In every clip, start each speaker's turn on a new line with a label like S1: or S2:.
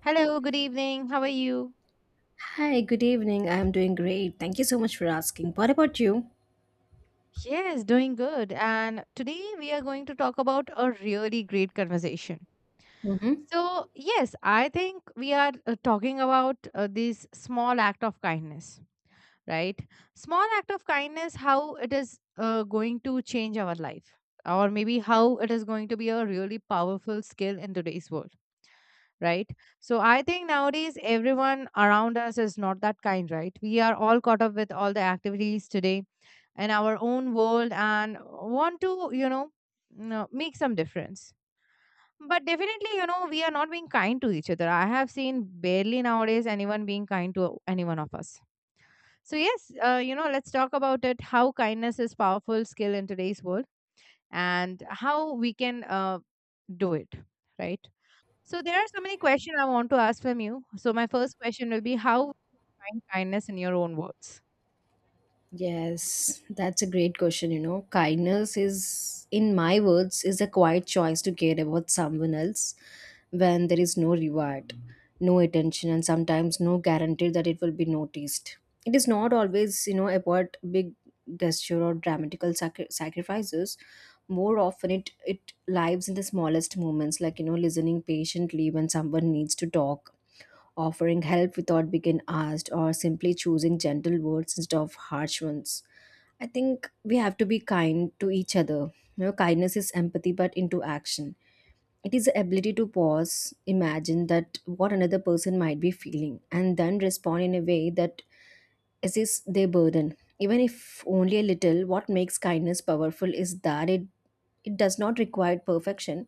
S1: Hello, good evening. How are you?
S2: Hi, good evening. I'm doing great. Thank you so much for asking. What about you?
S1: Yes, doing good. And today we are going to talk about a really great conversation.
S2: Mm-hmm.
S1: So yes, I think we are talking about this small act of kindness. Right, small act of kindness, how it is going to change our life, or maybe how it is going to be a really powerful skill in today's world, right? So I think nowadays everyone around us is not that kind, right? We are all caught up with all the activities today, in our own world, and want to make some difference. But definitely, you know, we are not being kind to each other. I have seen barely nowadays anyone being kind to anyone of us. So yes, you know, let's talk about it. How kindness is powerful skill in today's world, and how we can do it, right? So there are so many questions I want to ask from you. So my first question will be, how you find kindness in your own words?
S2: Yes, that's a great question. Kindness is, in my words, is a quiet choice to care about someone else when there is no reward, no attention, and sometimes no guarantee that it will be noticed. It is not always, about big gesture or dramatical sacrifices. More often, it lives in the smallest moments, like listening patiently when someone needs to talk offering help without being asked, or simply choosing gentle words instead of harsh ones. I think we have to be kind to each other. Kindness is empathy but into action. It is the ability to pause, imagine that what another person might be feeling, and then respond in a way that assists their burden. Even if only a little, what makes kindness powerful is that it does not require perfection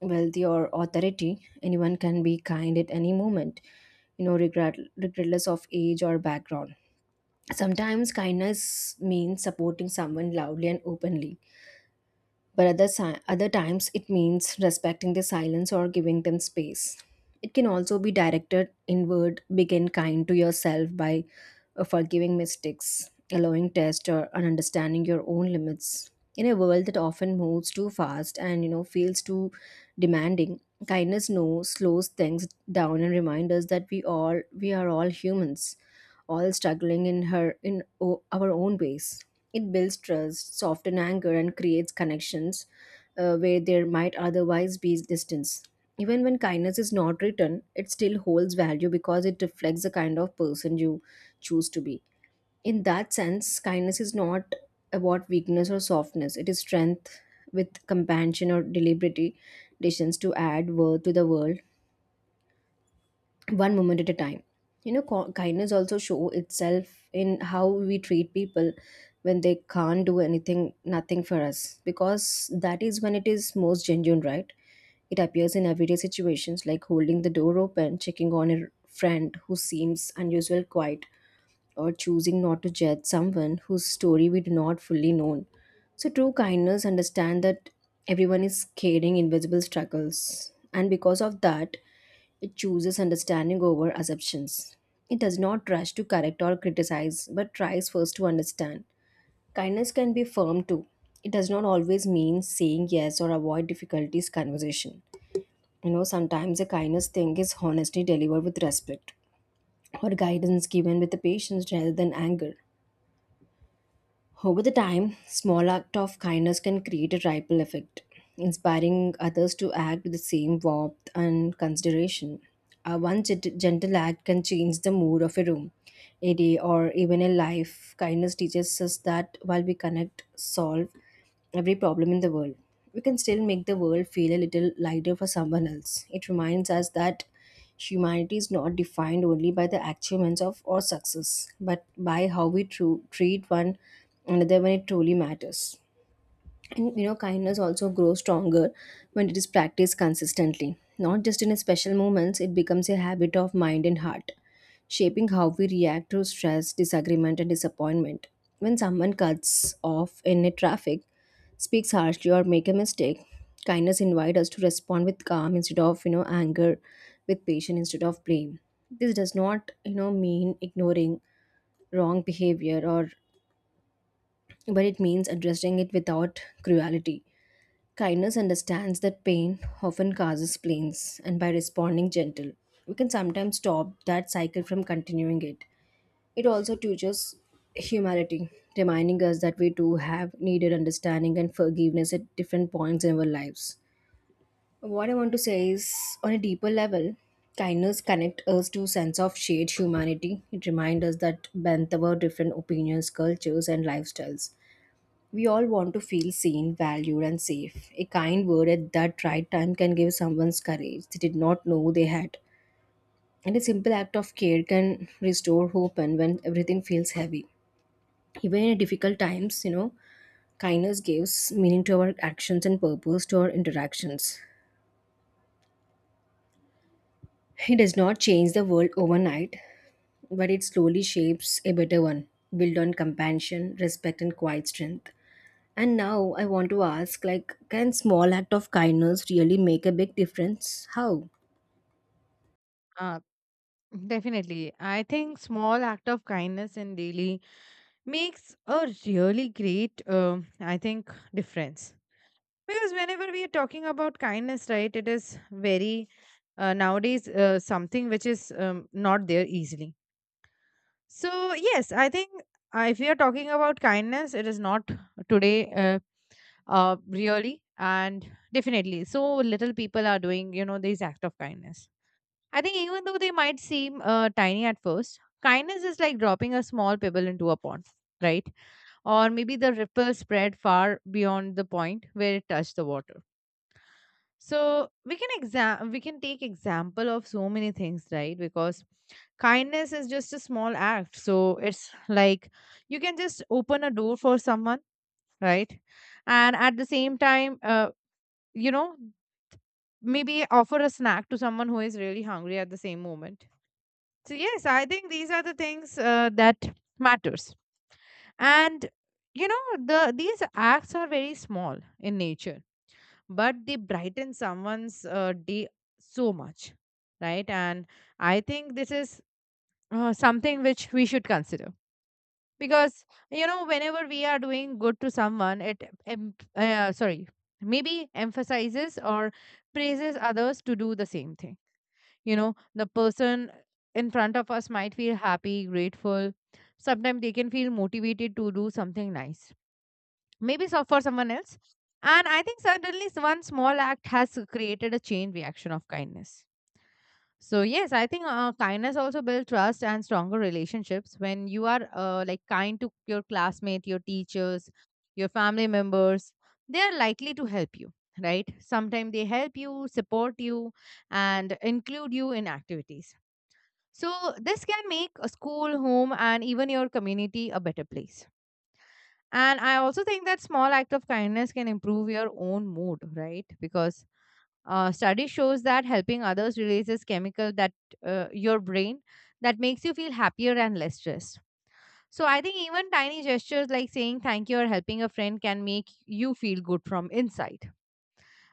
S2: wealth or authority anyone can be kind at any moment regret, regardless of age or background sometimes kindness means supporting someone loudly and openly but other times it means respecting their silence or giving them space it can also be directed inward begin kind to yourself by forgiving mistakes, allowing tests, or and understanding your own limits. In a world that often moves too fast and feels too demanding, kindness no slows things down and reminds us that we are all humans, all struggling in our own ways. It builds trust, softens anger, and creates connections where there might otherwise be distance. Even when kindness is not written, it still holds value because it reflects the kind of person you choose to be. In that sense, kindness is not about weakness or softness, it is strength with compassion or deliberate decisions to add worth to the world one moment at a time. Kindness also show itself in how we treat people when they can't do anything, nothing for us, because that is when it is most genuine, right? It appears in everyday situations like holding the door open, checking on a friend who seems unusual quiet, or choosing not to judge someone whose story we do not fully know. So true kindness understand that everyone is carrying invisible struggles and because of that it chooses understanding over assumptions. It does not rush to correct or criticize but tries first to understand. Kindness can be firm too. It does not always mean saying yes or avoid difficulties conversation. Sometimes a kindness thing is honestly delivered with respect or guidance given with the patience rather than anger. Over the time, small act of kindness can create a ripple effect, inspiring others to act with the same warmth and consideration. A one gentle act can change the mood of a room, a day, or even a life. Kindness teaches us that while we connect, solve, every problem in the world. We can still make the world feel a little lighter for someone else. It reminds us that humanity is not defined only by the achievements of or success, but by how we treat one another when it truly matters. And kindness also grows stronger when it is practiced consistently. Not just in special moments, it becomes a habit of mind and heart, shaping how we react to stress, disagreement, and disappointment. When someone cuts off in a traffic, speaks harshly, or make a mistake, kindness invites us to respond with calm instead of anger, with patience instead of blame. This does not mean ignoring wrong behavior or but it means addressing it without cruelty. Kindness understands that pain often causes pains, and by responding gentle, we can sometimes stop that cycle from continuing it. It also teaches humility, reminding us that we do have needed understanding and forgiveness at different points in our lives. What I want to say is, on a deeper level, kindness connects us to sense of shared humanity. It reminds us that bent our different opinions, cultures, and lifestyles we all want to feel seen, valued, and safe. A kind word at that right time can give someone's courage they did not know they had. And a simple act of care can restore hope and when everything feels heavy. Even in difficult times, kindness gives meaning to our actions and purpose to our interactions. It does not change the world overnight, but it slowly shapes a better one, built on compassion, respect, and quiet strength. And now I want to ask like can small act of kindness really make a big difference? How?
S1: Uh, Definitely. I think small act of kindness in daily makes a really great, I think, difference. Because whenever we are talking about kindness, right, it is very nowadays something which is not there easily. So, yes, I think if we are talking about kindness, it is not today really and definitely. So, little people are doing, you know, these act of kindness. I think even though they might seem tiny at first, kindness is like dropping a small pebble into a pond, right? Or maybe the ripple spread far beyond the point where it touched the water. So we can exam we can take example of so many things, right? Because kindness is just a small act, so it's like you can just open a door for someone, right? And at the same time, you know, maybe offer a snack to someone who is really hungry at the same moment. So yes, I think these are the things that matters. And you know, these acts are very small in nature, but they brighten someone's day so much, right? And I think this is something which we should consider, because you know, whenever we are doing good to someone, it sorry, maybe emphasizes or praises others to do the same thing. You know, the person in front of us might feel happy, grateful. Sometimes they can feel motivated to do something nice, maybe so for someone else. And I think certainly one small act has created a chain reaction of kindness. So yes, I think kindness also builds trust and stronger relationships when you are like kind to your classmate, your teachers, your family members. They are likely to help you, right? Sometimes they help you, support you, and include you in activities. So this can make a school, home, and even your community a better place. And I also think that small act of kindness can improve your own mood, right? Because study shows that helping others releases chemical that your brain that makes you feel happier and less stressed. So I think even tiny gestures like saying thank you or helping a friend can make you feel good from inside,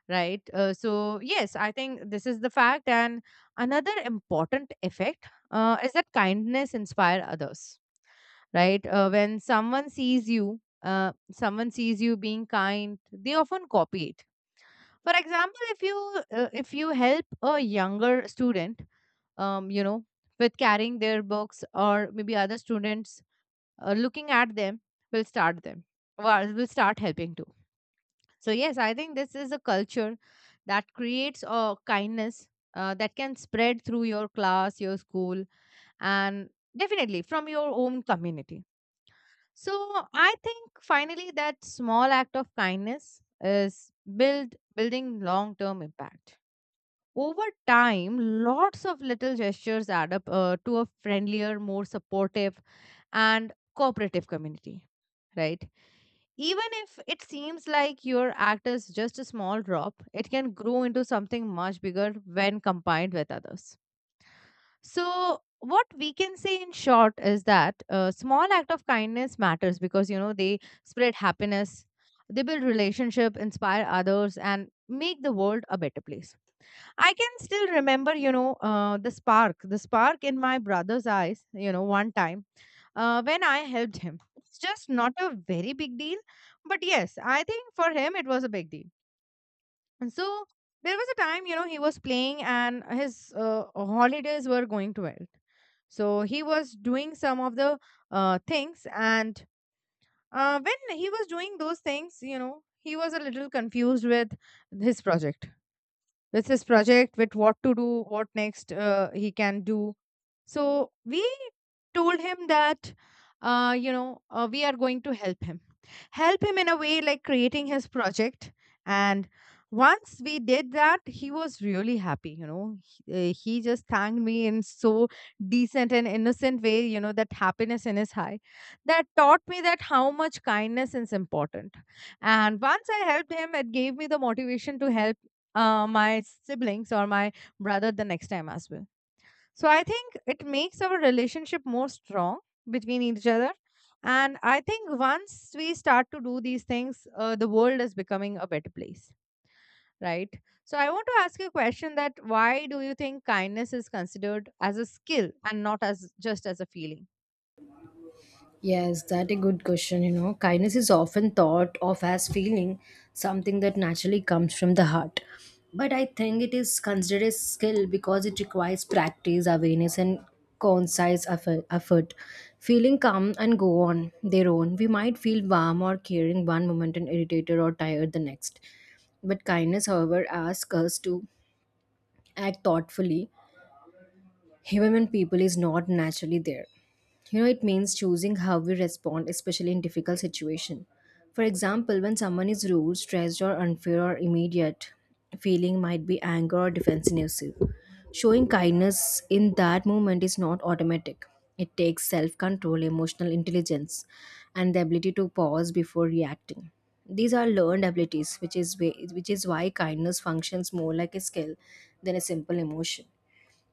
S1: right? So yes, I think this is the fact. And another important effect is that kindness inspire others, right? When someone sees you, Someone sees you being kind, they often copy it. For example, if you help a younger student, you know, with carrying their books, or maybe other students looking at them will start them, well, will start helping too. So yes, I think this is a culture that creates a kindness that can spread through your class, your school, and definitely from your own community. So I think finally that small act of kindness is building long term impact. Over time, lots of little gestures add up to a friendlier, more supportive, and cooperative community. Right? Even if it seems like your act is just a small drop, it can grow into something much bigger when combined with others. So, what we can say in short is that a small act of kindness matters because you know, they spread happiness, they build relationship, inspire others, and make the world a better place. I can still remember, you know, the spark in my brother's eyes, you know, one time when I helped him. It's just not a very big deal, but yes, I think for him it was a big deal. And so there was a time, you know, he was playing and his holidays were going to end. So he was doing some of the things, and when he was doing those things, you know, he was a little confused with his project with his project, with what to do, what next he can do. So we told him that, we are going to help him. Help him in a way like creating his project. And once we did that, he was really happy, you know. He just thanked me in so decent and innocent way, you know, that happiness in his eye. That taught me that how much kindness is important. And once I helped him, it gave me the motivation to help my siblings or my brother the next time as well. So I think it makes our relationship more strong between each other. And I think once we start to do these things, the world is becoming a better place, right? So I want to ask you a question that why do you think kindness is considered as a skill and not as just as a feeling?
S2: Yes, that a good question. Kindness is often thought of as feeling something that naturally comes from the heart. But I think it is considered a skill because it requires practice, awareness, and concise effort. Effort. Feeling calm and go on their own, we might feel warm or caring one moment and irritated or tired the next. But kindness, however, asks us to act thoughtfully human people is not naturally there. It means choosing how we respond, especially in difficult situation. For example, when someone is rude, stressed, or unfair or immediate, feeling might be anger or defensiveness. Showing kindness in that moment is not automatic. It takes self-control, emotional intelligence, and the ability to pause before reacting. These are learned abilities, which is why kindness functions more like a skill than a simple emotion.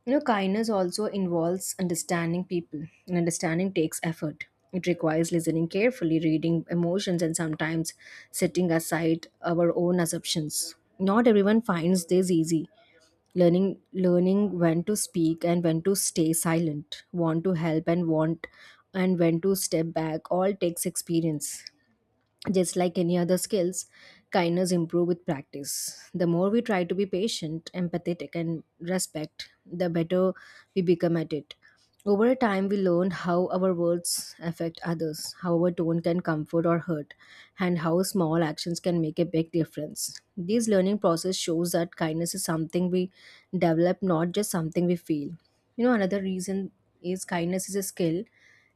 S2: Kindness also involves understanding people, and understanding takes effort. It requires listening carefully, reading emotions, and sometimes setting aside our own assumptions. Not everyone finds this easy. Learning when to speak and when to stay silent, want to help and want, and when to step back, all takes experience. Just like any other skills, kindness improve with practice. The more we try to be patient, empathetic and respect, the better we become at it. Over a time we learn how our words affect others, how our tone can comfort or hurt, and how small actions can make a big difference. This learning process shows that kindness is something we develop, not just something we feel. Another reason is kindness is a skill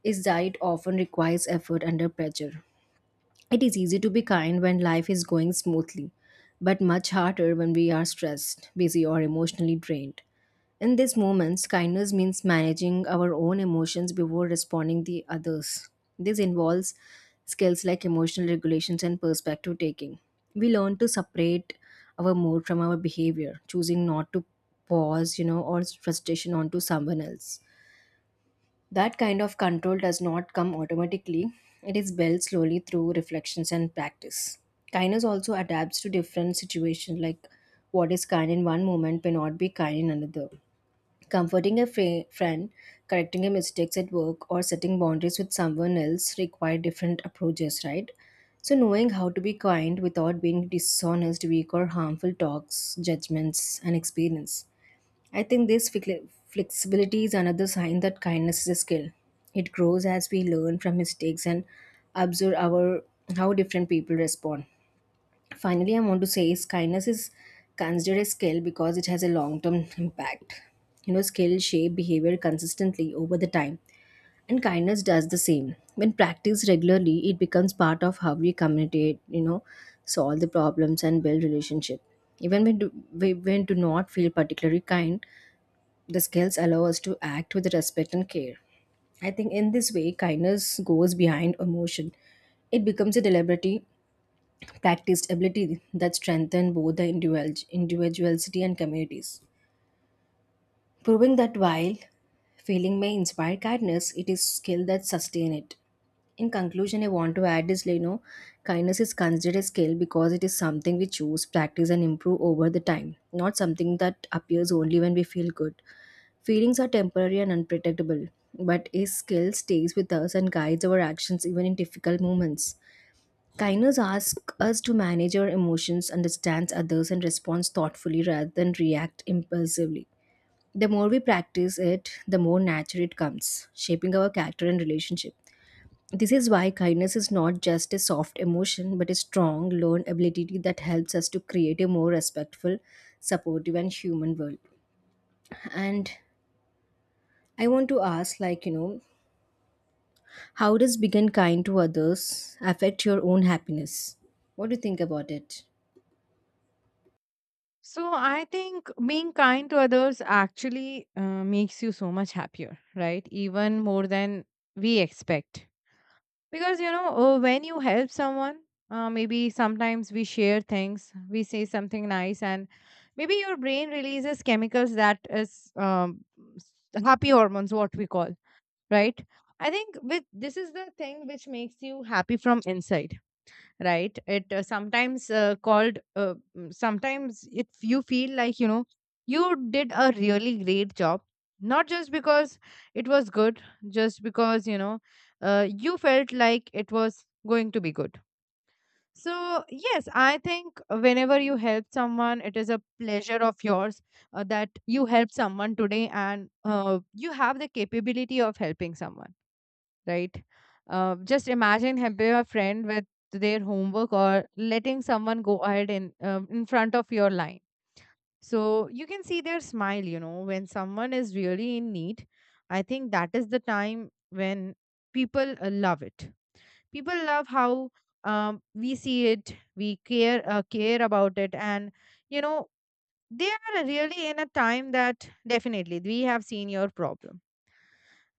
S2: is that it often requires effort under pressure. It is easy to be kind when life is going smoothly, but much harder when we are stressed, busy, or emotionally drained. In these moments, kindness means managing our own emotions before responding to others. This involves skills like emotional regulations and perspective taking. We learn to separate our mood from our behavior, choosing not to pause, or frustration onto someone else. That kind of control does not come automatically, it is built slowly through reflections and practice. Kindness also adapts to different situations, like what is kind in one moment may not be kind in another. Comforting a friend, correcting a mistakes at work, or setting boundaries with someone else require different approaches, right? So, knowing how to be kind without being dishonest, weak, or harmful talks, judgments, and experience. I think this flexibility is another sign that kindness is a skill. It grows as we learn from mistakes and observe our how different people respond. Finally, I want to say is kindness is considered a skill because it has a long-term impact. Skill shape behavior consistently over the time, and kindness does the same. When practiced regularly, it becomes part of how we communicate. Solve the problems and build relationship. Even when do, we- when do not feel particularly kind, the skills allow us to act with respect and care. I think in this way, kindness goes behind emotion. It becomes a deliberately practiced ability that strengthens both the individuality and communities. Proving that while feeling may inspire kindness, it is skill that sustain it. In conclusion, I want to add is, kindness is considered a skill because it is something we choose, practice, and improve over the time, not something that appears only when we feel good. Feelings are temporary and unpredictable, but a skill stays with us and guides our actions even in difficult moments. Kindness asks us to manage our emotions, understand others, and respond thoughtfully rather than react impulsively. The more we practice it, the more natural it comes, shaping our character and relationship. This is why kindness is not just a soft emotion, but a strong, learned ability that helps us to create a more respectful, supportive, and human world. And I want to ask, how does being kind to others affect your own happiness? What do you think about it?
S1: So I think being kind to others actually makes you so much happier, right? Even more than we expect, because you know, when you help someone, maybe sometimes we share things, we say something nice, and maybe your brain releases chemicals that is, s- happy hormones what we call, right? I think with this is the thing which makes you happy from inside, right? It sometimes, if you feel like you know, you did a really great job, not just because it was good, just because you know, you felt like it was going to be good. So yes, I think whenever you help someone it is a pleasure of yours, that you help someone today and you have the capability of helping someone, right? Just imagine helping a friend with their homework, or letting someone go ahead in front of your line. So you can see their smile. You know, when someone is really in need, I think that is the time when people love it. People love how, we see it, we care about it, and you know, they are really in a time that definitely we have seen your problem.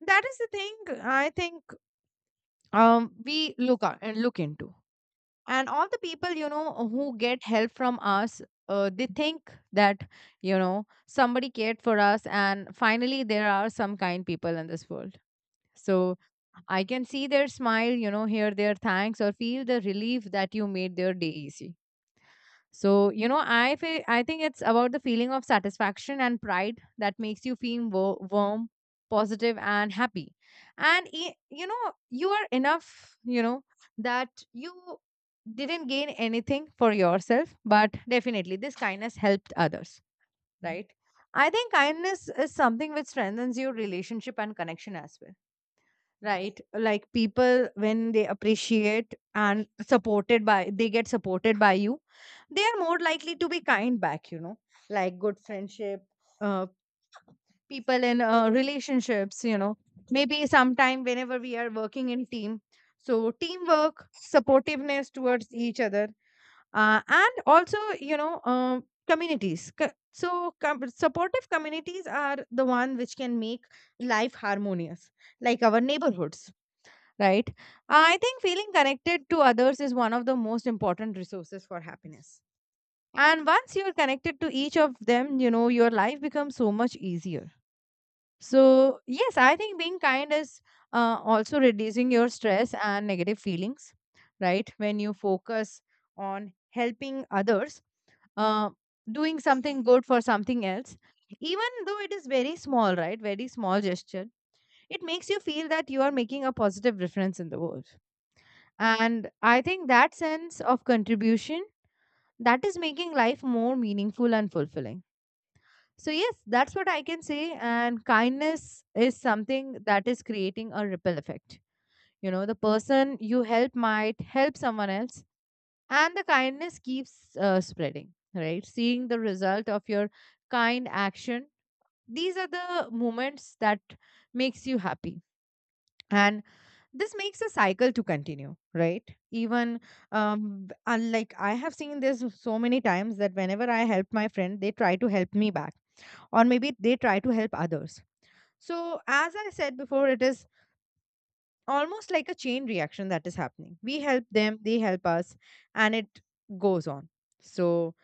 S1: That is the thing I think we look at and look into. And all the people you know who get help from us, they think that you know, somebody cared for us, and finally there are some kind people in this world. So I can see their smile, you know, hear their thanks, or feel the relief that you made their day easy. So, you know, I think it's about the feeling of satisfaction and pride that makes you feel warm, positive, and happy. And you know, you are enough. You know that you didn't gain anything for yourself, but definitely this kindness helped others, right? I think kindness is something which strengthens your relationship and connection as well, right? Like people, when they appreciate and supported by they get supported by you, they are more likely to be kind back, you know, like good friendship, uh, people in relationships, you know, maybe sometime whenever we are working in team, so teamwork, supportiveness towards each other, and also you know, communities Co- so com- supportive communities are the one which can make life harmonious, like our neighborhoods, right? I think feeling connected to others is one of the most important resources for happiness. And once you're connected to each of them, you know, your life becomes so much easier. So, yes, I think being kind is also reducing your stress and negative feelings, right? When you focus on helping others, uh, doing something good for something else, even though it is very small, right? Very small gesture, it makes you feel that you are making a positive difference in the world. And I think that sense of contribution, that is making life more meaningful and fulfilling. So, yes, that's what I can say. And kindness is something that is creating a ripple effect. You know, the person you help might help someone else, and the kindness keeps spreading, right? Seeing the result of your kind action. These are the moments that makes you happy. And this makes a cycle to continue, right? Even unlike I have seen this so many times that whenever I help my friend, they try to help me back, or maybe they try to help others. So, as I said before, it is almost like a chain reaction that is happening. We help them, they help us, and it goes on. So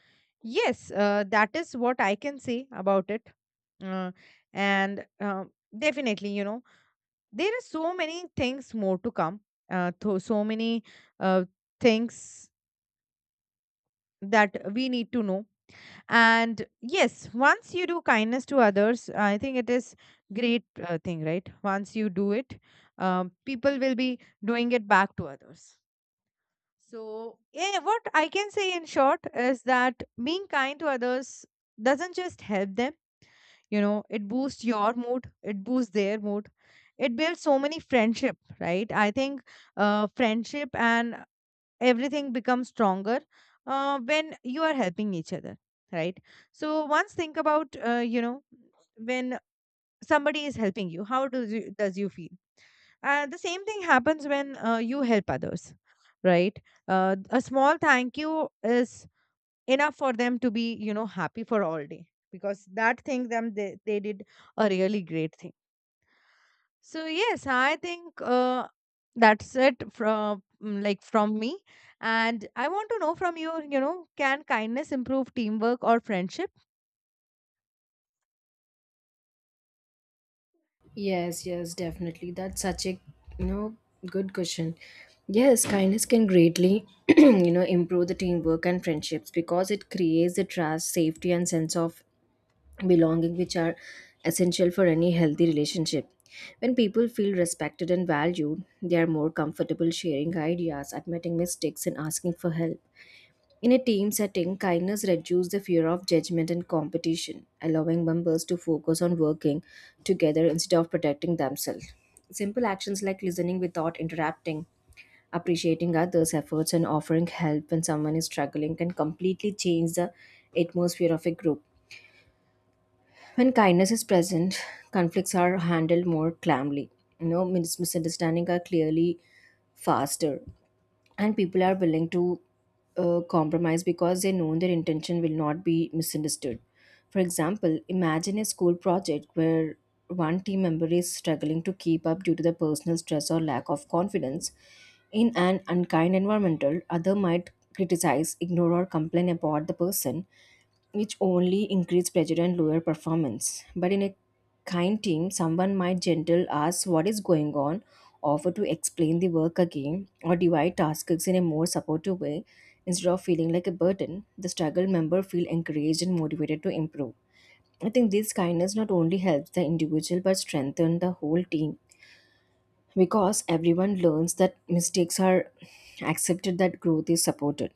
S1: yes, that is what I can say about it. uh, and definitely, you know, there are so many things more to come, so many uh, things that we need to know. And yes, once you do kindness to others, I think it is great thing, right? Once you do it, people will be doing it back to others. So, yeah, what I can say in short is that being kind to others doesn't just help them. You know, it boosts your mood, it boosts their mood, it builds so many friendship, right? I think friendship and everything becomes stronger when you are helping each other, right? So once think about you know, when somebody is helping you, how does you feel The same thing happens when you help others, right? A small thank you is enough for them to be, you know, happy for all day, because that thing them they did a really great thing. So yes, I think, that's it from from me. And I want to know from you, you know, can kindness improve teamwork or friendship?
S2: Yes, yes, definitely. That's such a you know good question. Yes, kindness can greatly improve the teamwork and friendships because it creates the trust, safety, and sense of belonging, which are essential for any healthy relationship. When people feel respected and valued, they are more comfortable sharing ideas, admitting mistakes, and asking for help. In a team setting, kindness reduces the fear of judgment and competition, allowing members to focus on working together instead of protecting themselves. Simple actions like listening without interrupting, appreciating others' efforts, and offering help when someone is struggling can completely change the atmosphere of a group. When kindness is present, conflicts are handled more calmly. You know, misunderstandings are clearly faster and people are willing to compromise because they know their intention will not be misunderstood. For example, imagine a school project where one team member is struggling to keep up due to the personal stress or lack of confidence in an unkind environmental other might criticize ignore or complain about the person which only increase pressure and lower performance. But in a kind team, someone might gentle ask what is going on, offer to explain the work again or divide tasks in a more supportive way. Instead of feeling like a burden, the struggle member feel encouraged and motivated to improve. I think this kindness not only helps the individual but strengthens the whole team, because everyone learns that mistakes are accepted, that growth is supported.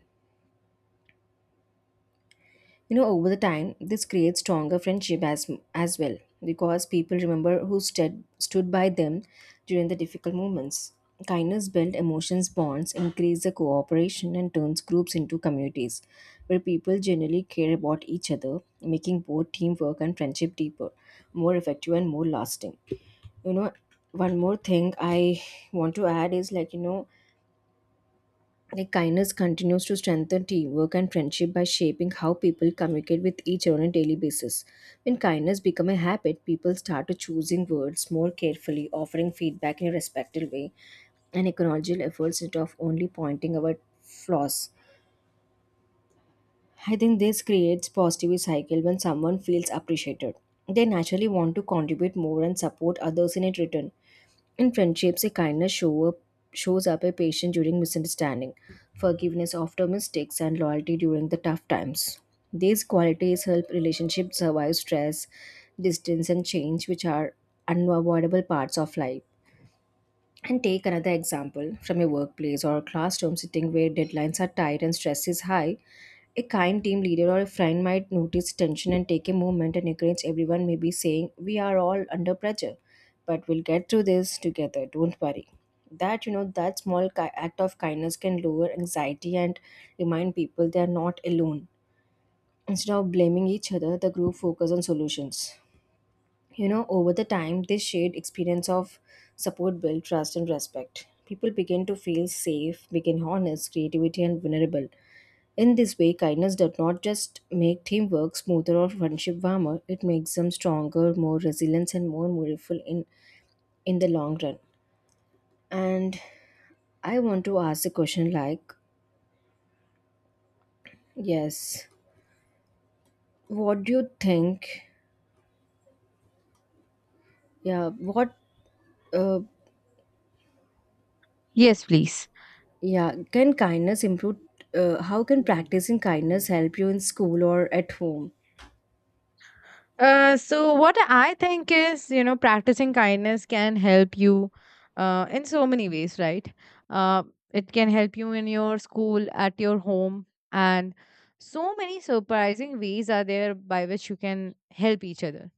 S2: You know, over the time this creates stronger friendship as well, because people remember who stood by them during the difficult moments. Kindness builds emotions bonds, increase the cooperation, and turns groups into communities where people generally care about each other, making both teamwork and friendship deeper, more effective and more lasting. You know, one more thing I want to add is kindness continues to strengthen teamwork and friendship by shaping how people communicate with each other on a daily basis. When kindness becomes a habit, people start to choosing words more carefully, offering feedback in a respectful way, and acknowledging efforts instead of only pointing out flaws. I think this creates positive cycle when someone feels appreciated. They naturally want to contribute more and support others in it return. In friendships, a kindness show up, shows up a patience during misunderstanding, forgiveness after mistakes, and loyalty during the tough times. These qualities help relationships survive stress, distance, and change, which are unavoidable parts of life. And take another example from a workplace or a classroom sitting where deadlines are tight and stress is high. A kind team leader or a friend might notice tension and take a moment and encourage everyone, maybe saying, "We are all under pressure, but we'll get through this together, don't worry." That small act of kindness can lower anxiety and remind people they are not alone. Instead of blaming each other, the group focuses on solutions. You know, over the time this shared experience of support built trust and respect. People begin to feel safe, begin honest, creativity and vulnerable. In this way, kindness does not just make teamwork smoother or friendship warmer, it makes them stronger, more resilient and more meaningful in the long run. And I want to ask a question, like, yes, what do you think? yeah what uh,
S1: Yes, please.
S2: Yeah, can kindness improve? How can practicing kindness help you in school or at home?
S1: So what I think is, you know, practicing kindness can help you in so many ways, right? Uh, it can help you in your school, at your home, and so many surprising ways are there by which you can help each other.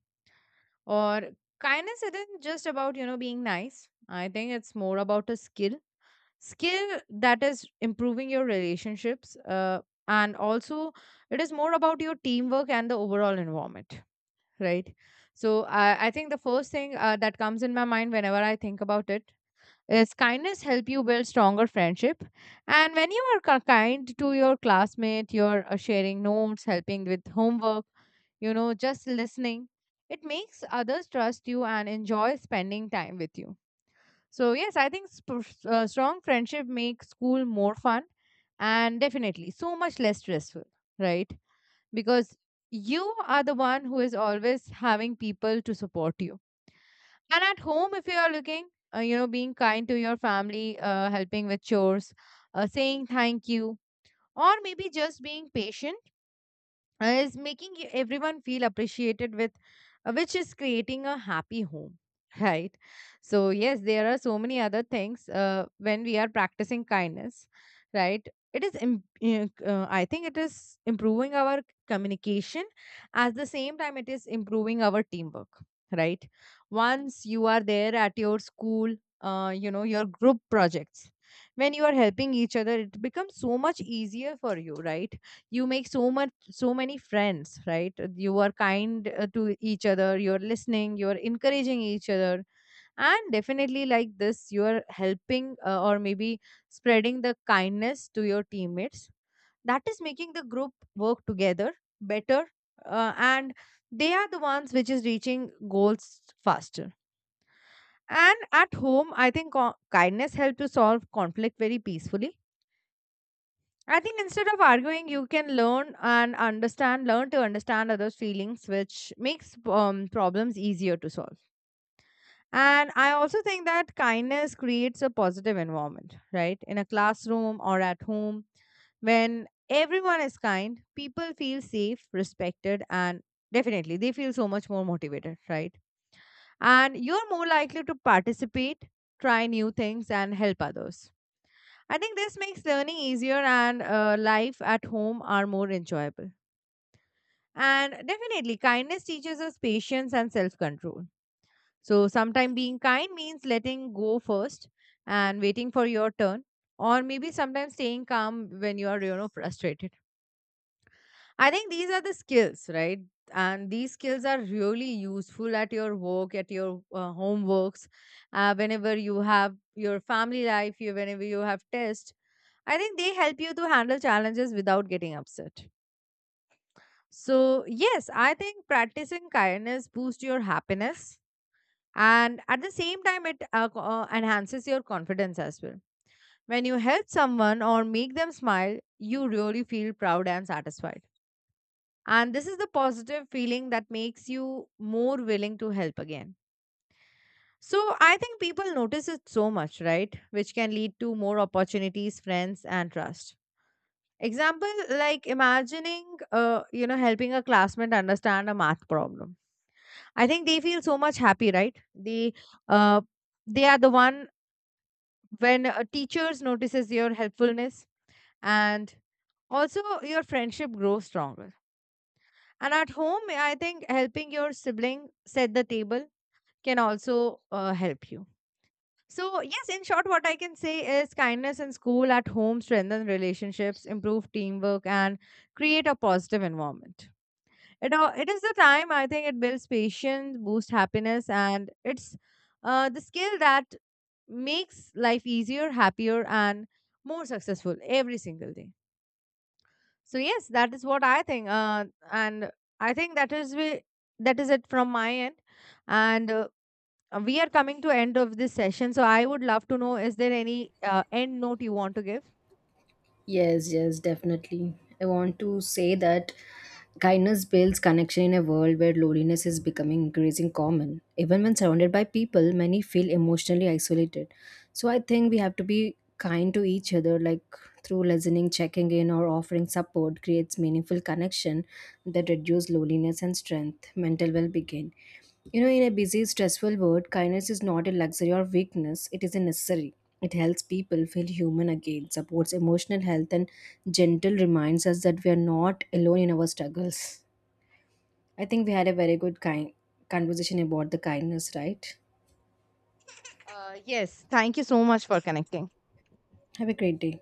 S1: Or kindness isn't just about, you know, being nice. I think it's more about a skill, skill that is improving your relationships, and also it is more about your teamwork and the overall environment, right? So I think the first thing that comes in my mind whenever I think about it is kindness help you build stronger friendship. And when you are kind to your classmate, you're sharing notes, helping with homework, you know, just listening, it makes others trust you and enjoy spending time with you. So yes, I think strong friendship makes school more fun and definitely so much less stressful, right? Because you are the one who is always having people to support you. And at home, if you are looking, you know, being kind to your family, helping with chores, saying thank you, or maybe just being patient is making everyone feel appreciated with which is creating a happy home right? So yes, there are so many other things when we are practicing kindness, right? It is I think it is improving our communication. At the same time, it is improving our teamwork, right? Once you are there at your school, you know, your group projects, when you are helping each other, it becomes so much easier for you, right? You make so many friends, right? You are kind to each other, you're listening, you're encouraging each other, and definitely like this you're helping, or maybe spreading the kindness to your teammates. That is making the group work together better. And they are the ones which is reaching goals faster. And at home, I think kindness help to solve conflict very peacefully. I think instead of arguing, you can learn and understand, learn to understand others' feelings, which makes problems easier to solve. And I also think that kindness creates a positive environment, right? In a classroom or at home, when everyone is kind, people feel safe, respected, and definitely they feel so much more motivated, right? And you're more likely to participate, try new things, and help others. I think this makes learning easier and life at home are more enjoyable. And definitely, kindness teaches us patience and self control. So, sometimes being kind means letting go first and waiting for your turn, or maybe sometimes staying calm when you are, you know, frustrated. I think these are the skills, right? And these skills are really useful at your work, at your homeworks, whenever you have your family life, you, whenever you have tests, I think they help you to handle challenges without getting upset. So, yes, I think practicing kindness boosts your happiness, and at the same time, it enhances your confidence as well. When you help someone or make them smile, you really feel proud and satisfied. And this is the positive feeling that makes you more willing to help again. So, I think people notice it so much, right? Which can lead to more opportunities, friends, and trust. Example, like imagining, you know, helping a classmate understand a math problem. I think they feel so much happy, right? Uh, they are the one when teachers notices your helpfulness, and also your friendship grows stronger. And at home, I think helping your sibling set the table can also help you. So yes, in short, what I can say is kindness in school at home strengthen relationships, improve teamwork, and create a positive environment. It all it is the time, I think it builds patience, boosts happiness, and it's the skill that makes life easier, happier, and more successful every single day. So yes, that is what I think, and I think that is it from my end, and we are coming to end of this session. So I would love to know: is there any end note you want to give?
S2: Yes, yes, definitely. I want to say that kindness builds connection in a world where loneliness is becoming increasing common. Even when surrounded by people, many feel emotionally isolated. So I think we have to be kind to each other, like through listening, checking in, or offering support creates meaningful connection that reduce loneliness and strength mental well-being. You know, in a busy stressful world kindness is not a luxury or weakness, it is a necessary. It helps people feel human again, supports emotional health and gentle reminds us that we are not alone in our struggles. I think we had a very good kind conversation about the kindness, right?
S1: Yes, thank you so much for connecting.
S2: Have a great day.